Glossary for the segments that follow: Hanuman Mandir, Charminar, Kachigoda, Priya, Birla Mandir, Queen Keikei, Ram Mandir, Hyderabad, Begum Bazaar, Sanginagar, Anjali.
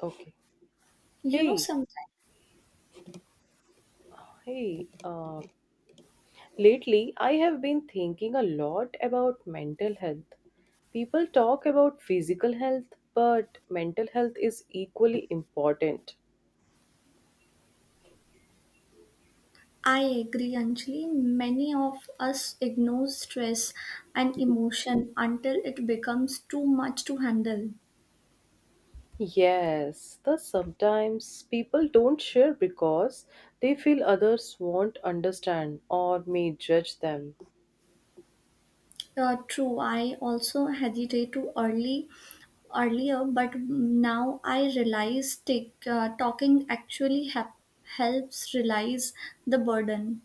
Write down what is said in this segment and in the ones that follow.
Okay. You know, Hey, sometimes hey. Lately, I have been thinking a lot about mental health. People talk about physical health, but mental health is equally important. I agree, Anjali. Many of us ignore stress and emotion until it becomes too much to handle. Yes, the sometimes people don't share because they feel others won't understand or may judge them. True, I also hesitate to early earlier, but now I realize talking actually helps realize the burden,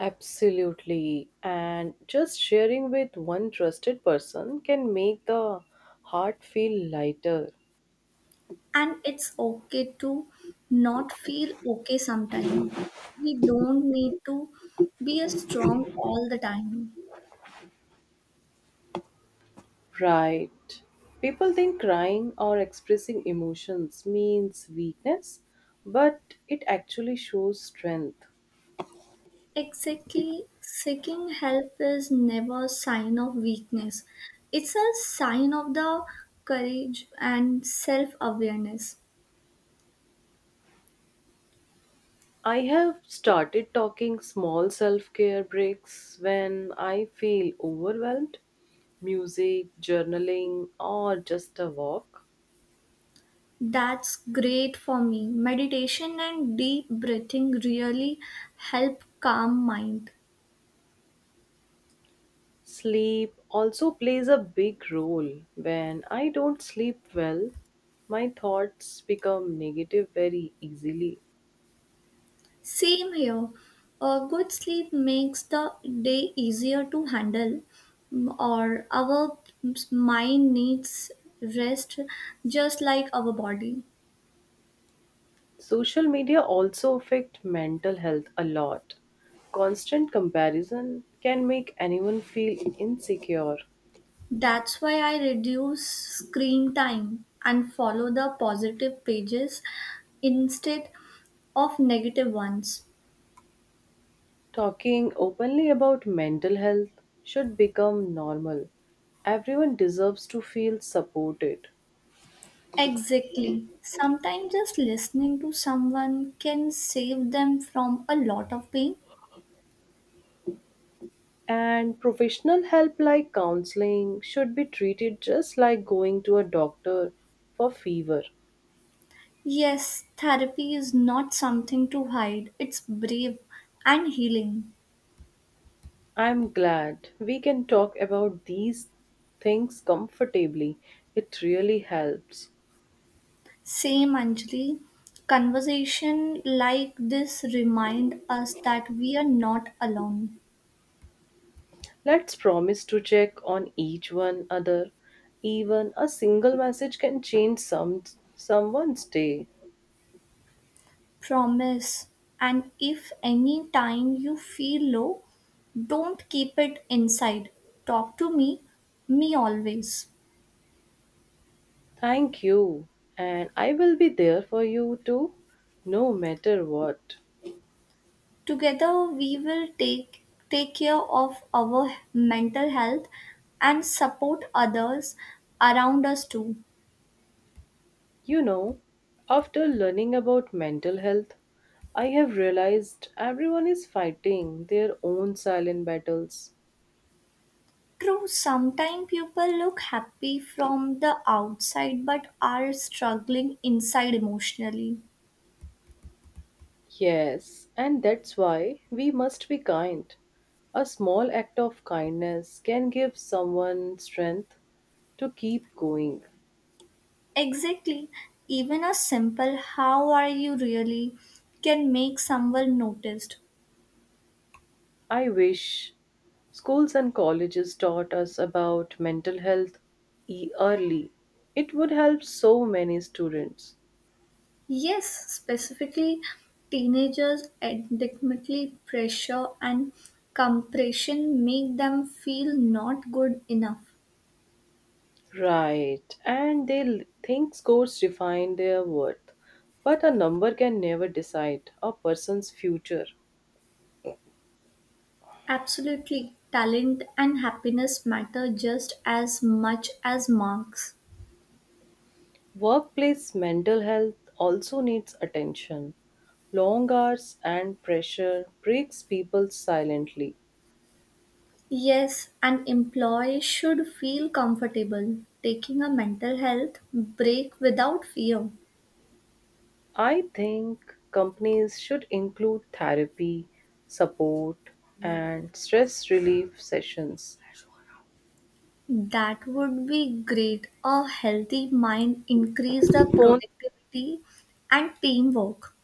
Absolutely. And just sharing with one trusted person can make the heart feel lighter. and it's okay to not feel okay sometimes. We don't need to be a strong all the time. Right. People think crying or expressing emotions means weakness, but it actually shows strength. Exactly. Seeking help is never a sign of weakness. It's a sign of the courage and self-awareness. I have started talking small self care breaks when I feel overwhelmed. Music, journaling, or just a walk. That's great. For me, meditation and deep breathing really help calm mind. Sleep also plays a big role. When I don't sleep well, my thoughts become negative very easily. Same here. A good sleep makes the day easier to handle, or our mind needs rest just like our body. Social media also affect mental health a lot. Constant comparison can make anyone feel insecure. That's why I reduce screen time and follow the positive pages instead of negative ones. Talking openly about mental health should become normal. Everyone deserves to feel supported. Exactly. Sometimes just listening to someone can save them from a lot of pain. And professional help like counseling should be treated just like going to a doctor for fever. Yes, therapy is not something to hide, it's brave and healing. I'm glad we can talk about these things comfortably. It really helps. Same, Anjali. Conversation like this remind us that we are not alone. Let's promise to check on each one other. Even a single message can change someone's day. Promise, and if any time you feel low, don't keep it inside. Talk to me always. Thank you. And I will be there for you too, no matter what. Together we will take care of our mental health and support others around us too. You know, after learning about mental health, I have realized everyone is fighting their own silent battles. True, sometimes people look happy from the outside but are struggling inside emotionally. Yes, and that's why we must be kind. A small act of kindness can give someone strength to keep going. Exactly. Even a simple how are you really can make someone noticed. I wish schools and colleges taught us about mental health early. It would help so many students. Yes, specifically teenagers adequately pressure and compression make them feel not good enough. Right, and they think scores define their worth, but a number can never decide a person's future. Absolutely. Talent and happiness matter just as much as marks. Workplace mental health also needs attention. Long hours and pressure breaks people silently. Yes, an employee should feel comfortable taking a mental health break without fear. I think companies should include therapy, support, and stress relief sessions. That would be great. A healthy mind increase the Phone. productivity and teamwork.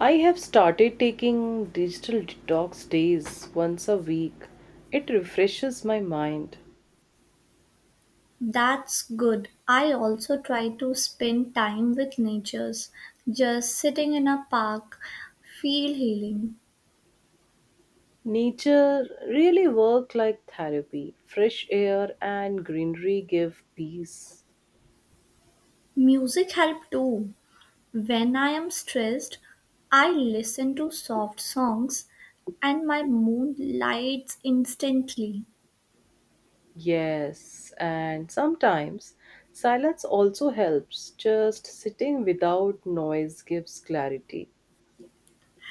I have started taking digital detox days once a week. It refreshes my mind. That's good. I also try to spend time with natures. Just sitting in a park feel healing. Nature really work like therapy. Fresh air and greenery give peace. Music help too. When I am stressed, I listen to soft songs and my mood lights instantly. Yes, and sometimes silence also helps. Just sitting without noise gives clarity.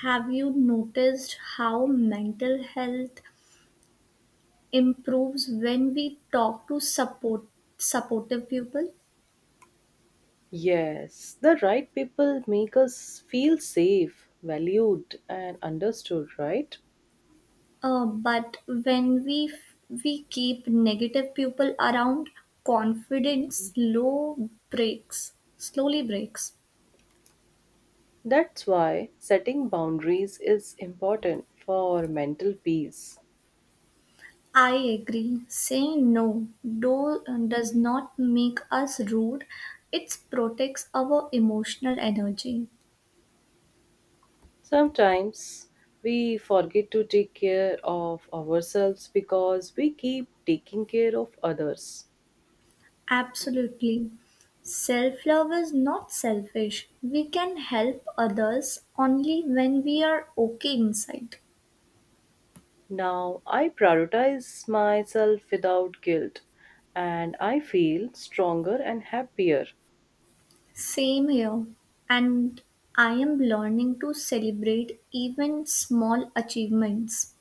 Have you noticed how mental health improves when we talk to supportive people? Yes, the right people make us feel safe, valued, and understood, right? But when we keep negative people around, confidence slowly breaks. That's why setting boundaries is important for mental peace. I agree, saying no does not make us rude, it protects our emotional energy. Sometimes we forget to take care of ourselves because we keep taking care of others. Absolutely. Self love is not selfish. We can help others only when we are okay inside. Now I prioritize myself without guilt and I feel stronger and happier. Same here. And I am learning to celebrate even small achievements.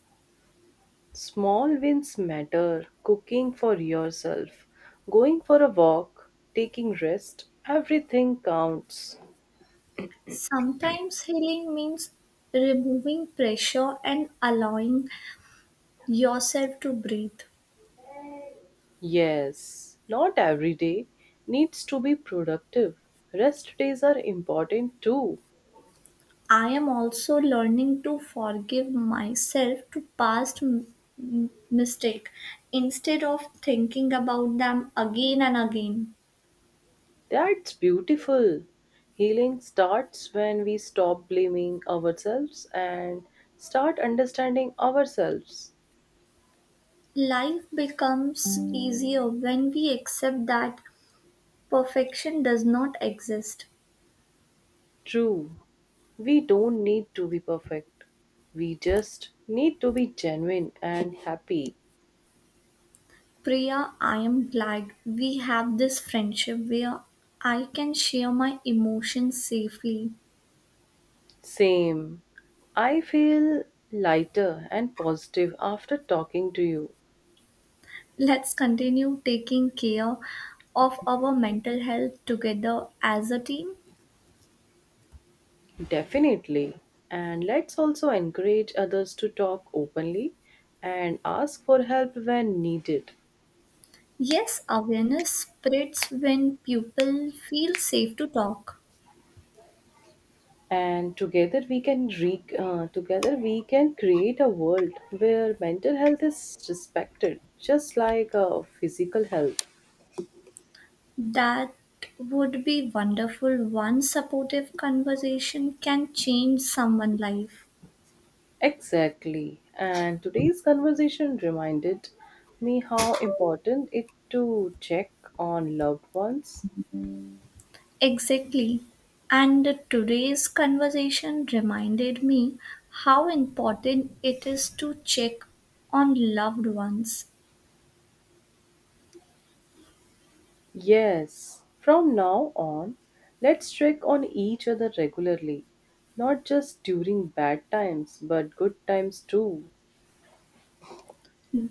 Small wins matter. Cooking for yourself, going for a walk, taking rest, everything counts. Sometimes healing means removing pressure and allowing yourself to breathe. Yes, not every day needs to be productive. Rest days are important too. I am also learning to forgive myself to past mistake instead of thinking about them again and again. That's beautiful. Healing starts when we stop blaming ourselves and start understanding ourselves. Life becomes easier when we accept that perfection does not exist. True. We don't need to be perfect. We just need to be genuine and happy. Priya, I am glad we have this friendship where I can share my emotions safely. Same. I feel lighter and positive after talking to you. Let's continue taking care of our mental health together as a team. Definitely. And let's also encourage others to talk openly and ask for help when needed. Yes, awareness spreads when people feel safe to talk. And together we can create a world where mental health is respected, just like physical health. That would be wonderful. One supportive conversation can change someone's life. Exactly. And today's conversation reminded me how important it to check on loved ones. Exactly. And today's conversation reminded me how important it is to check on loved ones. Yes, from now on, let's check on each other regularly, not just during bad times, but good times too.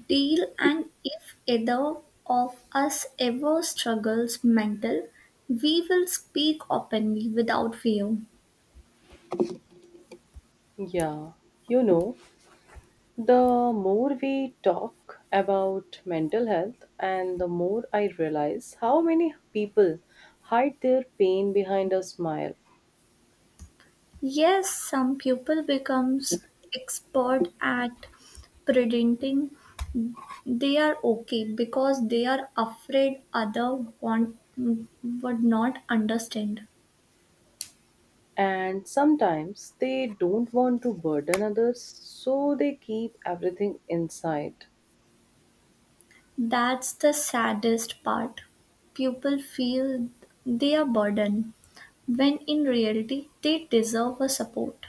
Deal, and if either of us ever struggles mental, we will speak openly without fear. Yeah, you know, the more we talk about mental health, and the more I realize how many people hide their pain behind a smile Yes, some people becomes expert at presenting. They are okay because they are afraid other want would not understand. and sometimes they don't want to burden others, so they keep everything inside. That's the saddest part. People feel they are burdened when in reality they deserve a support.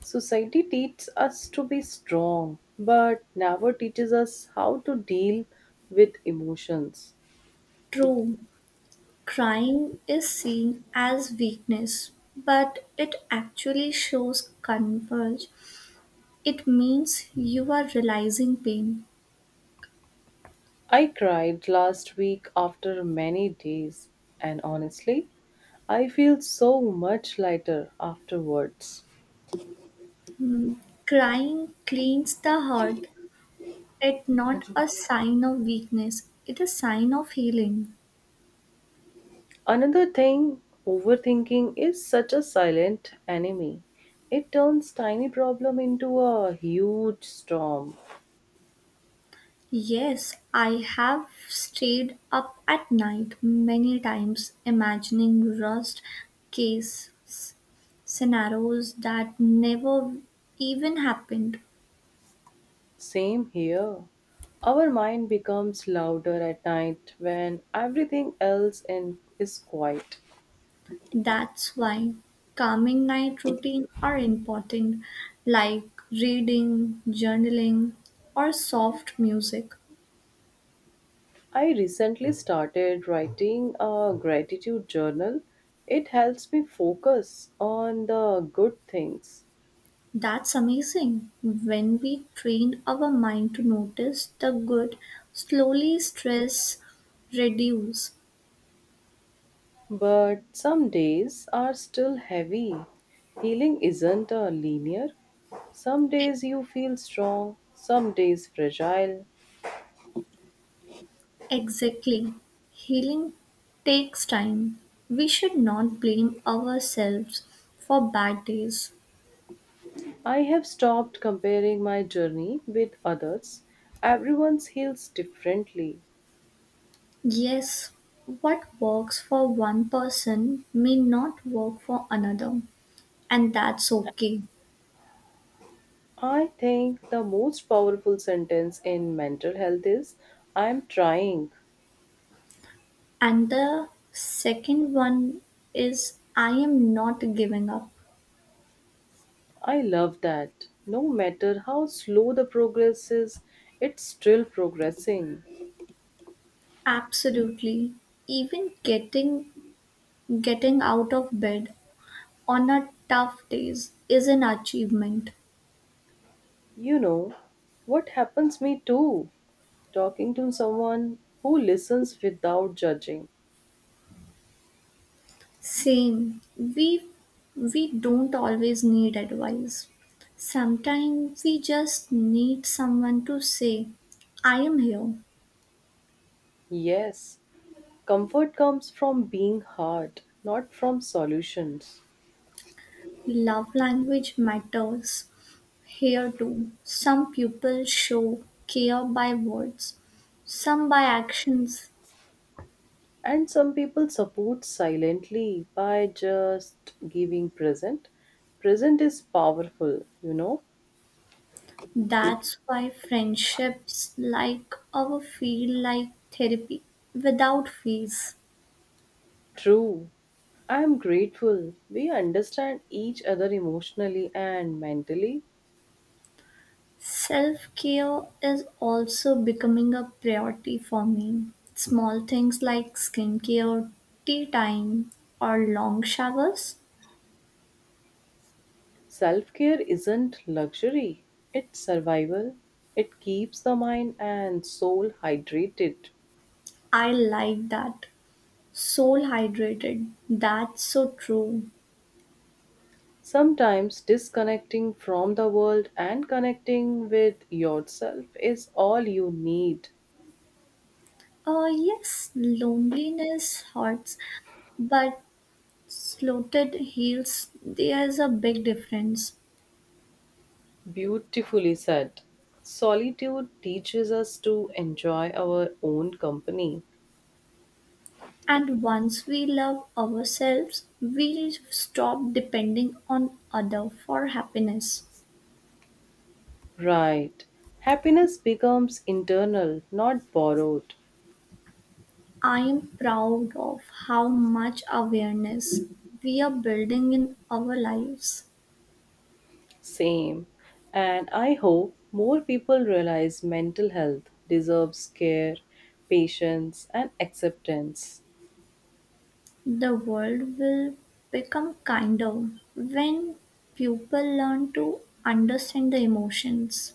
Society teaches us to be strong, but never teaches us how to deal with emotions. True, crying is seen as weakness, but it actually shows converge. It means you are realizing pain. I cried last week after many days, and honestly, I feel so much lighter afterwards. Mm. Crying cleans the heart. It's not a sign of weakness, it's a sign of healing. Another thing, overthinking is such a silent enemy. It turns tiny problem into a huge storm. Yes, I have stayed up at night many times imagining rust case scenarios that never even happened. Same here. Our mind becomes louder at night when everything is quiet. That's why calming night routine are important, like reading, journaling or soft music. I recently started writing a gratitude journal. It helps me focus on the good things. That's amazing. When we train our mind to notice the good, slowly stress reduce. But some days are still heavy. Healing isn't a linear. Some days you feel strong, some days fragile. Exactly. Healing takes time. We should not blame ourselves for bad days. I have stopped comparing my journey with others. Everyone's heals differently. Yes, what works for one person may not work for another, and that's okay. I think the most powerful sentence in mental health is I am trying. And the second one is, I am not giving up. I love that. No matter how slow the progress is, it's still progressing. Absolutely. Even getting out of bed on a tough days is an achievement. You know, what happens me too, talking to someone who listens without judging. Same. We don't always need advice. Sometimes we just need someone to say, I am here. Yes, comfort comes from being heard, not from solutions. Love language matters here too. Some people show care by words, some by actions. And some people support silently by just giving present. Present is powerful, you know. That's why friendships like our feel like therapy without fees. True. I am grateful. We understand each other emotionally and mentally. Self care is also becoming a priority for me. Small things like skincare, tea time, or long showers. Self care isn't luxury, it's survival. It keeps the mind and soul hydrated. I like that. Soul hydrated. That's so true. Sometimes disconnecting from the world and connecting with yourself is all you need. Yes, loneliness hurts, but slotted heals. There's a big difference. Beautifully said. Solitude teaches us to enjoy our own company. And once we love ourselves, we stop depending on other for happiness. Right. Happiness becomes internal, not borrowed. I am proud of how much awareness we are building in our lives. Same. And I hope more people realize mental health deserves care, patience, and acceptance. The world will become kinder when people learn to understand the emotions.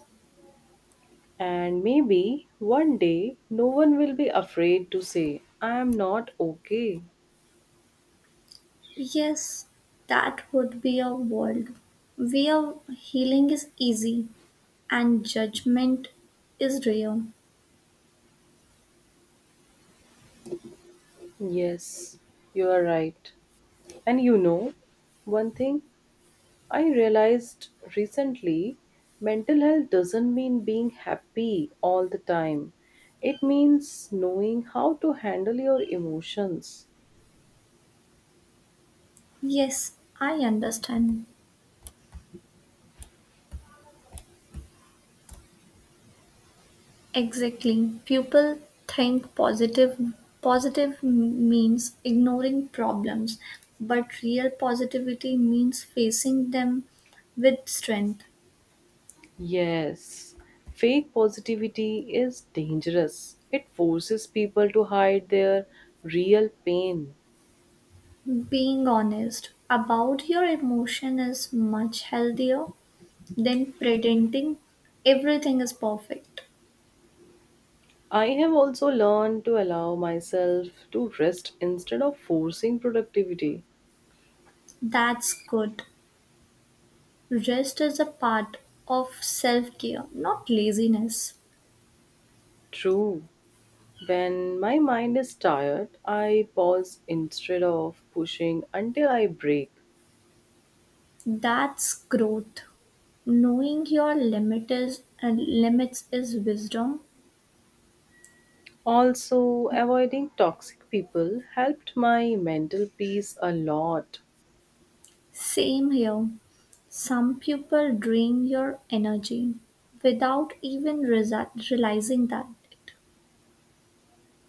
And maybe one day no one will be afraid to say, I am not okay. Yes, that would be a world where healing is easy and judgment is rare. Yes, you are right. And you know, one thing I realized recently mental health doesn't mean being happy all the time, it means knowing how to handle your emotions. Yes, I understand. Exactly. People think positive means ignoring problems, but real positivity means facing them with strength. Yes, fake positivity is dangerous. It forces people to hide their real pain. Being honest about your emotion is much healthier than pretending everything is perfect. I have also learned to allow myself to rest instead of forcing productivity. That's good. Rest is a part of self care, not laziness. True. When my mind is tired, I pause instead of pushing until I break. That's growth. Knowing your and limits is wisdom. Also, avoiding toxic people helped my mental peace a lot. Same here. Some people drain your energy without even realizing that.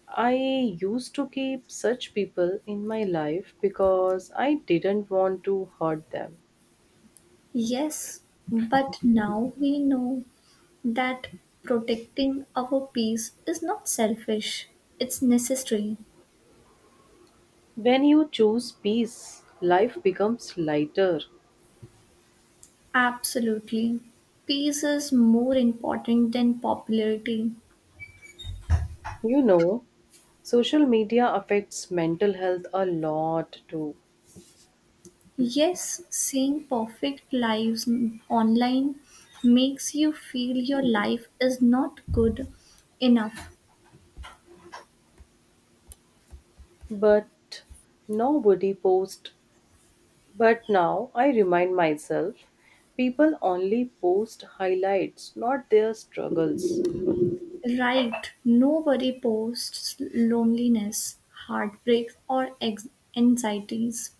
I used to keep such people in my life because I didn't want to hurt them. Yes, but now we know that protecting our peace is not selfish, it's necessary. When you choose peace, life becomes lighter. Absolutely. Peace is more important than popularity. You know, social media affects mental health a lot too. Yes, seeing perfect lives online makes you feel your life is not good enough. But nobody posts. But now I remind myself people only post highlights, not their struggles. Right, nobody posts loneliness, heartbreak, or anxieties.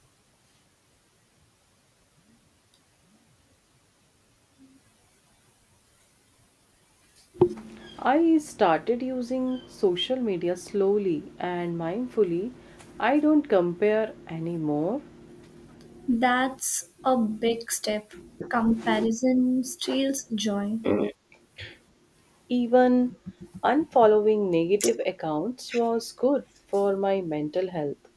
I started using social media slowly and mindfully. I don't compare anymore. That's a big step. Comparison steals joy. Even unfollowing negative accounts was good for my mental health.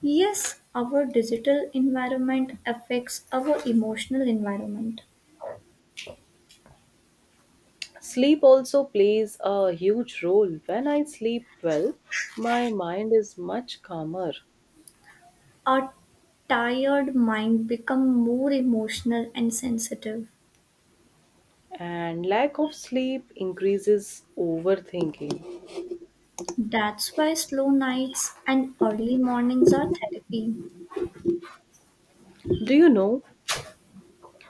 Yes, our digital environment affects our emotional environment. Sleep also plays a huge role. When I sleep well, my mind is much calmer, A tired mind becomes more emotional and sensitive. and lack of sleep increases overthinking. That's why slow nights and early mornings are therapy. Do you know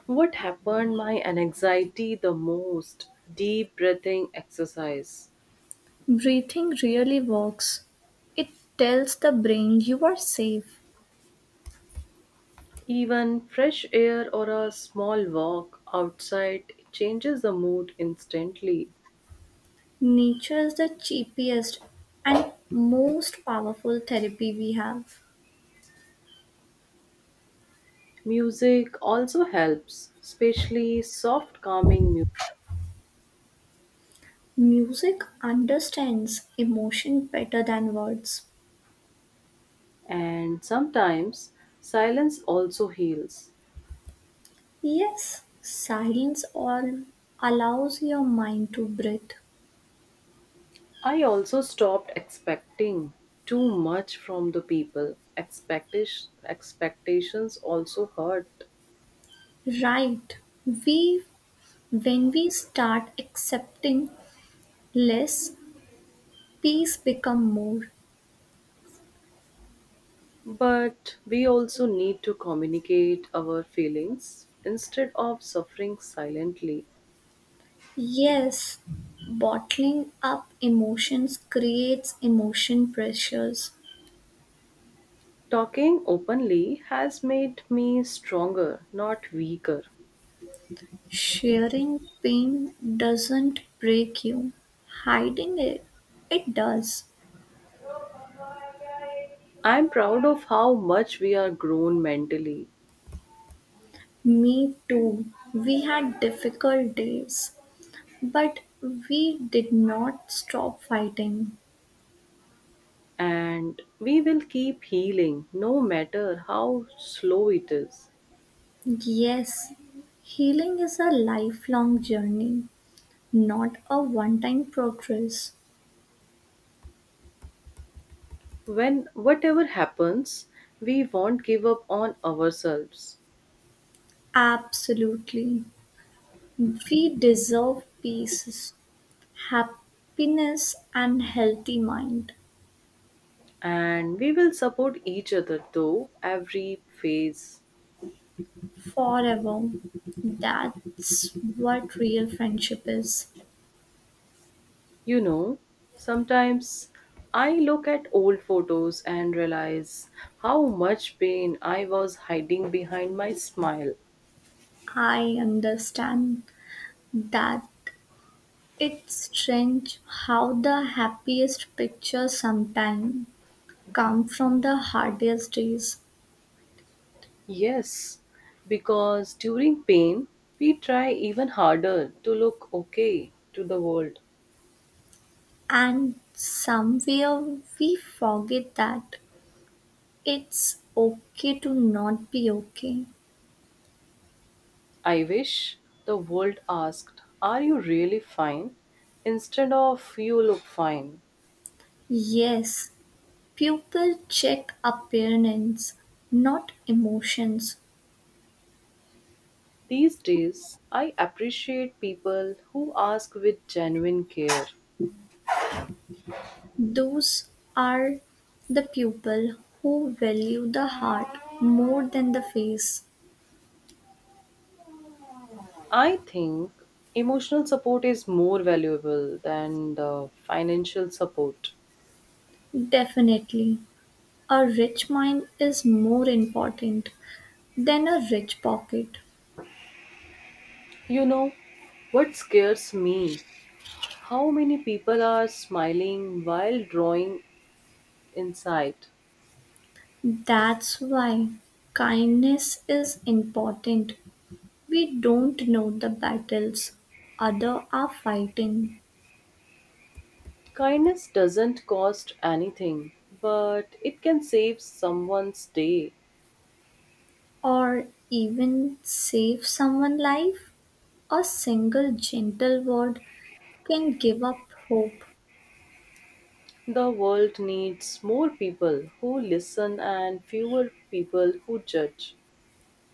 what happened my anxiety the most? Deep breathing exercise. Breathing really works. It tells the brain you are safe. Even fresh air or a small walk outside changes the mood instantly. Nature is the cheapest and most powerful therapy we have. Music also helps, especially soft calming music. Music understands emotion better than words. And sometimes silence also heals. Yes, silence allows your mind to breathe. I also stopped expecting too much from the people. Expectations also hurt. Right. We When we start accepting less, peace become more. But we also need to communicate our feelings instead of suffering silently. Yes, bottling up emotions creates emotion pressures. Talking openly has made me stronger, not weaker. Sharing pain doesn't break you. Hiding it, it does. I'm proud of how much we are grown mentally, Me too. We had difficult days. But we did not stop fighting. and we will keep healing no matter how slow it is. Yes, healing is a lifelong journey, not a one time progress. When whatever happens, we won't give up on ourselves, Absolutely. We deserve peace, happiness, and healthy mind and we will support each other through every phase. forever. That's what real friendship is. You know, sometimes I look at old photos and realize how much pain I was hiding behind my smile. I understand that. It's strange how the happiest picture sometimes come from the hardest days, Yes, because during pain, we try even harder to look okay to the world. and somewhere we forget that it's okay to not be okay. I wish the world asked, "Are you really fine?" instead of "You look fine." Yes, people check appearance, not emotions. These days, I appreciate people who ask with genuine care. Those are the people who value the heart more than the face. I think emotional support is more valuable than the financial support. Definitely, a rich mind is more important than a rich pocket. You know, what scares me? How many people are smiling while drawing inside? That's why kindness is important. We don't know the battles others are fighting, Kindness doesn't cost anything, but it can save someone's day. or even save someone's life. A single gentle word can give up hope. The world needs more people who listen and fewer people who judge.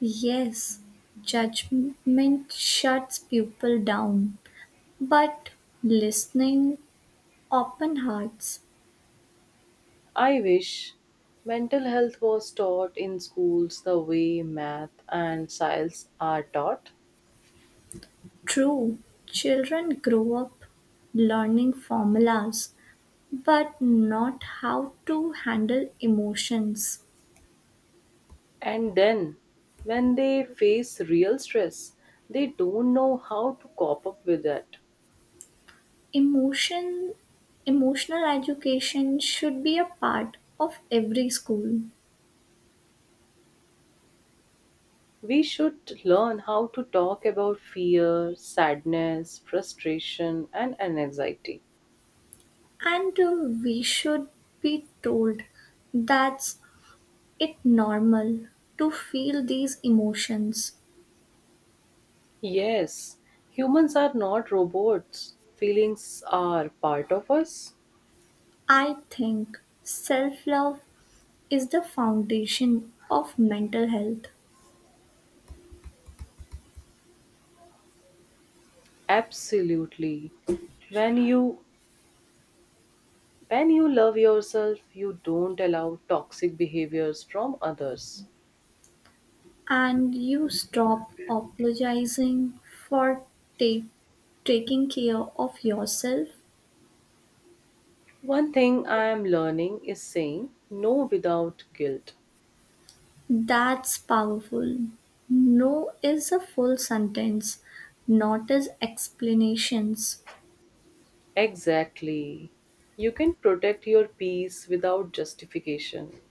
Yes, judgment shuts people down, but listening open hearts. I wish mental health was taught in schools the way math and science are taught. True, children grow up learning formulas but not how to handle emotions. And then, when they face real stress, they don't know how to cope up with it. Emotion, Emotional education should be a part of every school, We should learn how to talk about fear, sadness, frustration, and anxiety. and we should be told that it normal to feel these emotions. Yes, humans are not robots. Feelings are part of us. I think self love is the foundation of mental health. Absolutely. When you When you love yourself, you don't allow toxic behaviors from others. And you stop apologizing for take, taking care of yourself. One thing I am learning is saying no without guilt. That's powerful. No is a full sentence, not as explanations. Exactly. You can protect your peace without justification.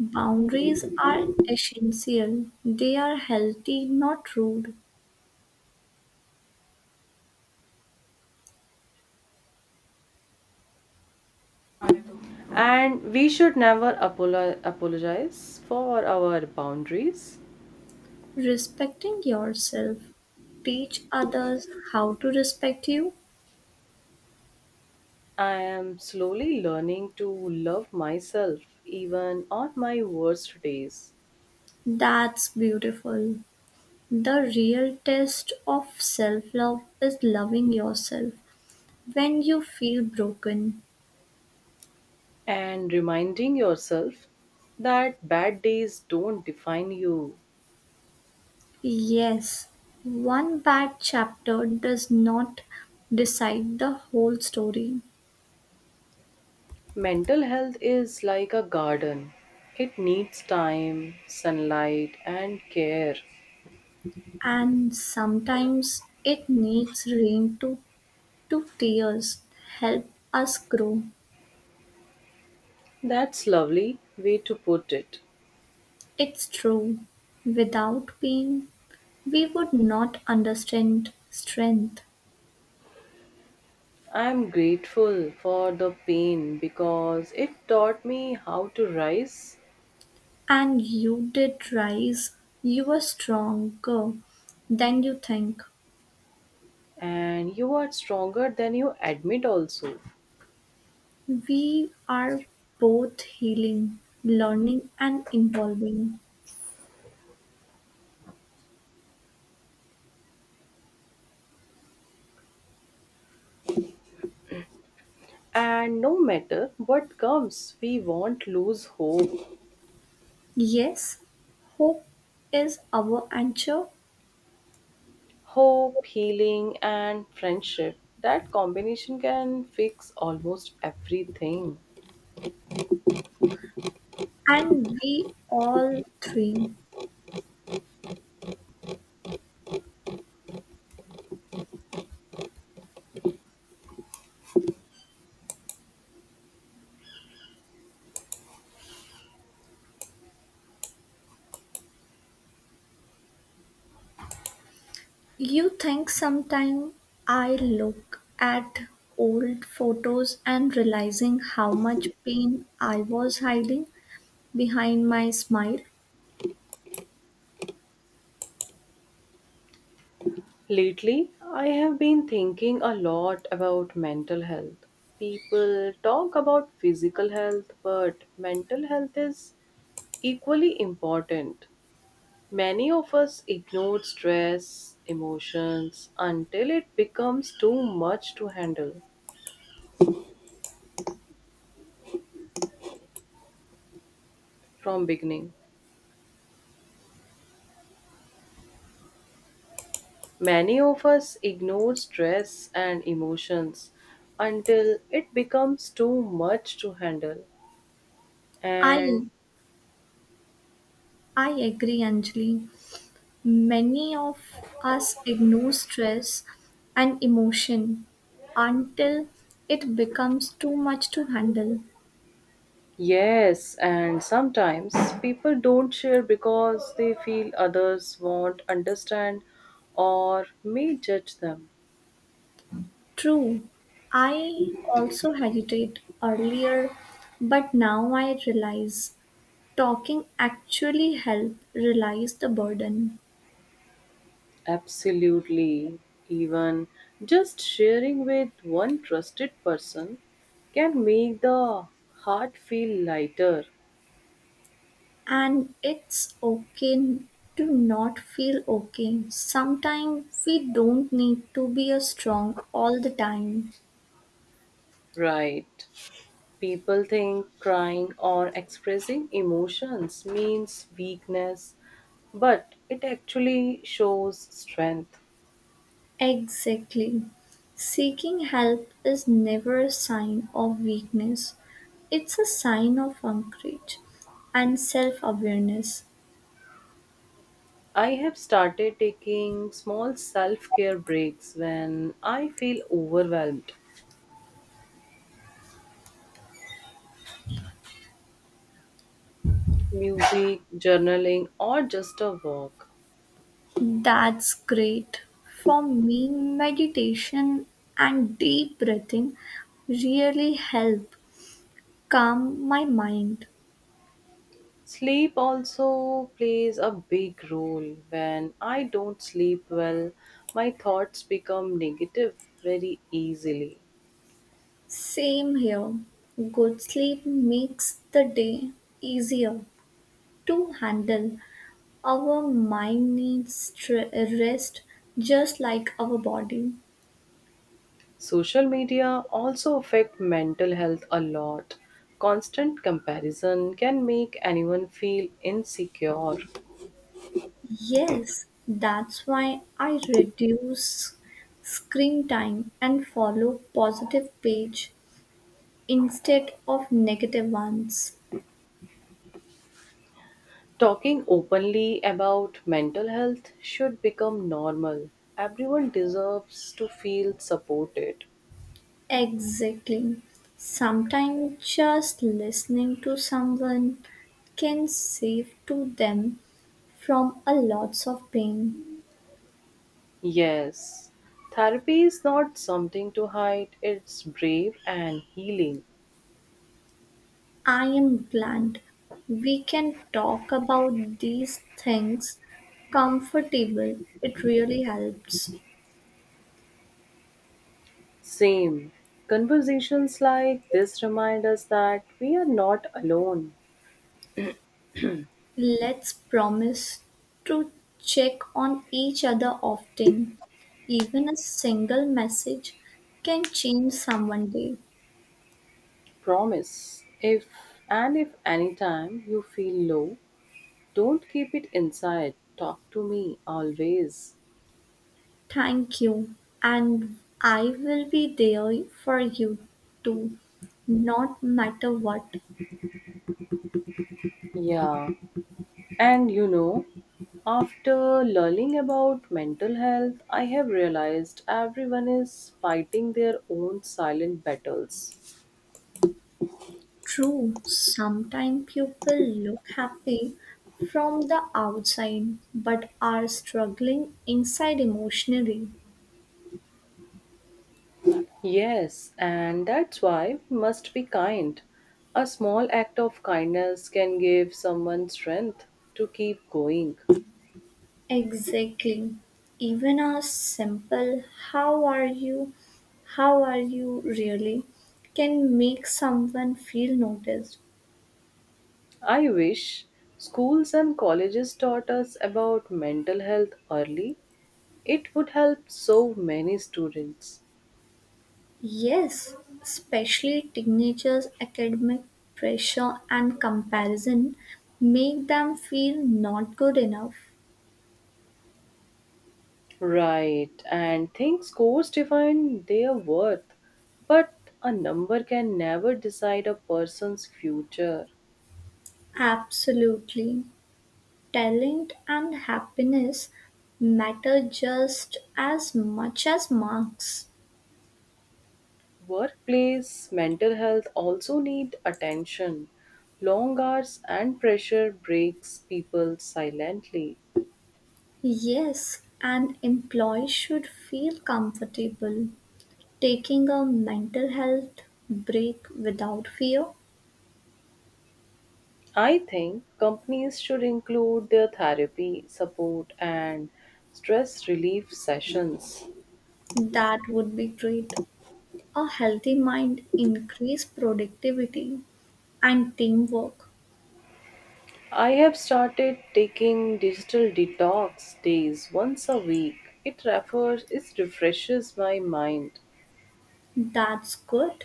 Boundaries are essential, they are healthy, not rude. And we should never apologize for our boundaries. Respecting yourself, teach others how to respect you. I am slowly learning to love myself even on my worst days. That's beautiful. The real test of self-love is loving yourself when you feel broken. And reminding yourself that bad days don't define you. Yes, one bad chapter does not decide the whole story, Mental health is like a garden, it needs time, sunlight, and care. and sometimes it needs rain to tears help us grow. That's lovely way to put it. It's true. Without pain, we would not understand strength. I'm grateful for the pain because it taught me how to rise, And you did rise, you were stronger than you think. and you are stronger than you admit also. We are both healing, learning, and evolving. And no matter what comes, we won't lose hope. Yes, hope is our anchor, Hope, healing, and friendship. That combination can fix almost everything. and we all three. You think sometimes I look at old photos and realizing how much pain I was hiding behind my smile? Lately, I have been thinking a lot about mental health. People talk about physical health, but mental health is equally important. Many of us ignore stress, emotions until it becomes too much to handle from beginning. Many of us ignore stress and emotions until it becomes too much to handle. I And I agree, Anjali. Many of us ignore stress and emotion until it becomes too much to handle. yes, and sometimes people don't share because they feel others won't understand or may judge them. True, I also hesitate earlier, but now I realize talking actually helps realize the burden. Absolutely. Even just sharing with one trusted person can make the heart feel lighter. And it's okay to not feel okay. Sometimes we don't need to be a strong all the time. Right. People think crying or expressing emotions means weakness, but it actually shows strength. Exactly. Seeking help is never a sign of weakness, it's a sign of courage and self awareness. I have started taking small self care breaks when I feel overwhelmed. Music, journaling, or just a walk. That's great. For me, meditation and deep breathing really help calm my mind. Sleep also plays a big role. When I don't sleep well, my thoughts become negative very easily. Same here. Good sleep makes the day easier to handle. Our mind needs rest just like our body. Social media also affect mental health a lot. Constant comparison can make anyone feel insecure. Yes, that's why I reduce screen time and follow positive page instead of negative ones. Talking openly about mental health should become normal. Everyone deserves to feel supported. Exactly. Sometimes just listening to someone can save to them from a lots of pain. Yes, therapy is not something to hide, it's brave and healing. I am glad we can talk about these things comfortable. It really helps. Same. Conversations like this remind us that we are not alone. Let's promise to check on each other often. Even a single message can change someone day. Promise, if And if anytime you feel low, don't keep it inside. Talk to me always. Thank you. And I will be there for you too, not matter what. Yeah, and you know, after learning about mental health, I have realized everyone is fighting their own silent battles. True, sometimes people look happy from the outside but are struggling inside emotionally. Yes, and that's why we must be kind. A small act of kindness can give someone strength to keep going. Exactly. Even a simple how are you, how are you really can make someone feel noticed. I wish schools and colleges taught us about mental health early. It would help so many students. Yes, especially teenagers' academic pressure and comparison make them feel not good enough. Right, and think scores define their worth, but a number can never decide a person's future. Absolutely. Talent and happiness matter just as much as marks. Workplace mental health also need attention. Long hours and pressure breaks people silently. Yes, an employee should feel comfortable taking a mental health break without fear. I think companies should include their therapy, support, and stress relief sessions. That would be great. A healthy mind increase productivity and teamwork. I have started taking digital detox days once a week. It refreshes my mind. That's good.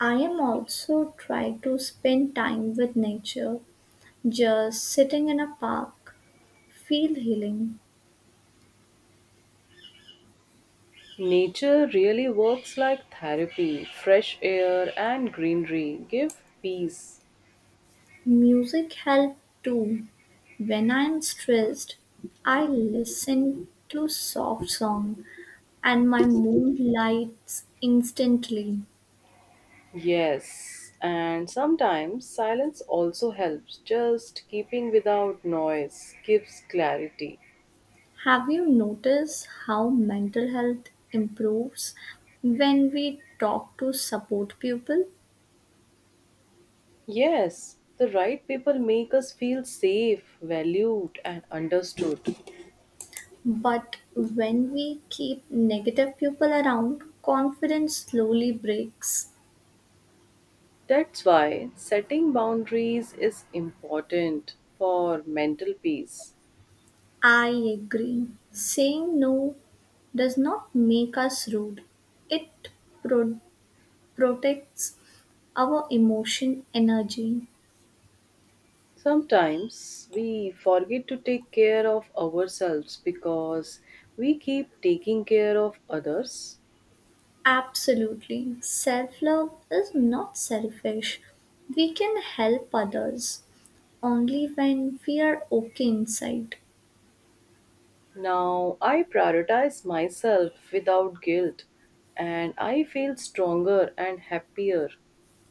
I am also try to spend time with nature, just sitting in a park. Feel healing. Nature really works like therapy. Fresh air and greenery give peace. Music helped too; when I'm stressed, I listen to soft song and my mood lights instantly. Yes, and sometimes silence also helps. Just keeping without noise gives clarity. Have you noticed how mental health improves when we talk to support people? Yes, the right people make us feel safe, valued, and understood. But when we keep negative people around, confidence slowly breaks. That's why setting boundaries is important for mental peace. I agree. Saying no does not make us rude, it pro- protects our emotion energy. Sometimes we forget to take care of ourselves because we keep taking care of others. Absolutely. Self love is not selfish. We can help others only when we are okay inside. Now I prioritize myself without guilt and I feel stronger and happier.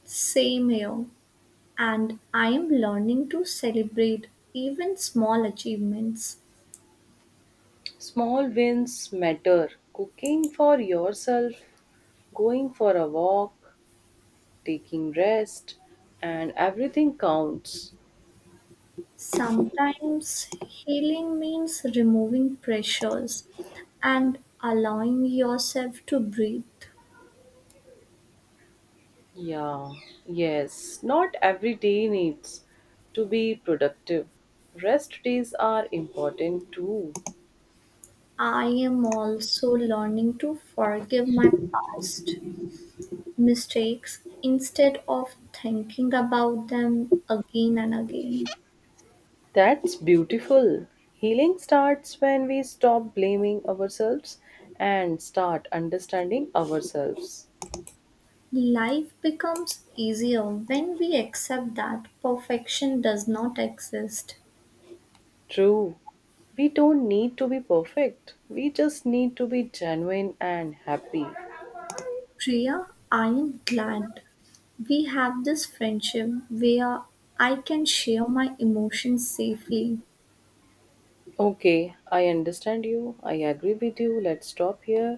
Same here. And I am learning to celebrate even small achievements. Small wins matter. Cooking for yourself, going for a walk, taking rest, and everything counts. Sometimes healing means removing pressures and allowing yourself to breathe. Yeah, yes, not every day needs to be productive. Rest days are important too. I am also learning to forgive my past mistakes instead of thinking about them again and again. That's beautiful. Healing starts when we stop blaming ourselves and start understanding ourselves. Life becomes easier when we accept that perfection does not exist. True. We don't need to be perfect. We just need to be genuine and happy. Priya, I am glad we have this friendship where I can share my emotions safely. Okay, I understand you. I agree with you. Let's stop here.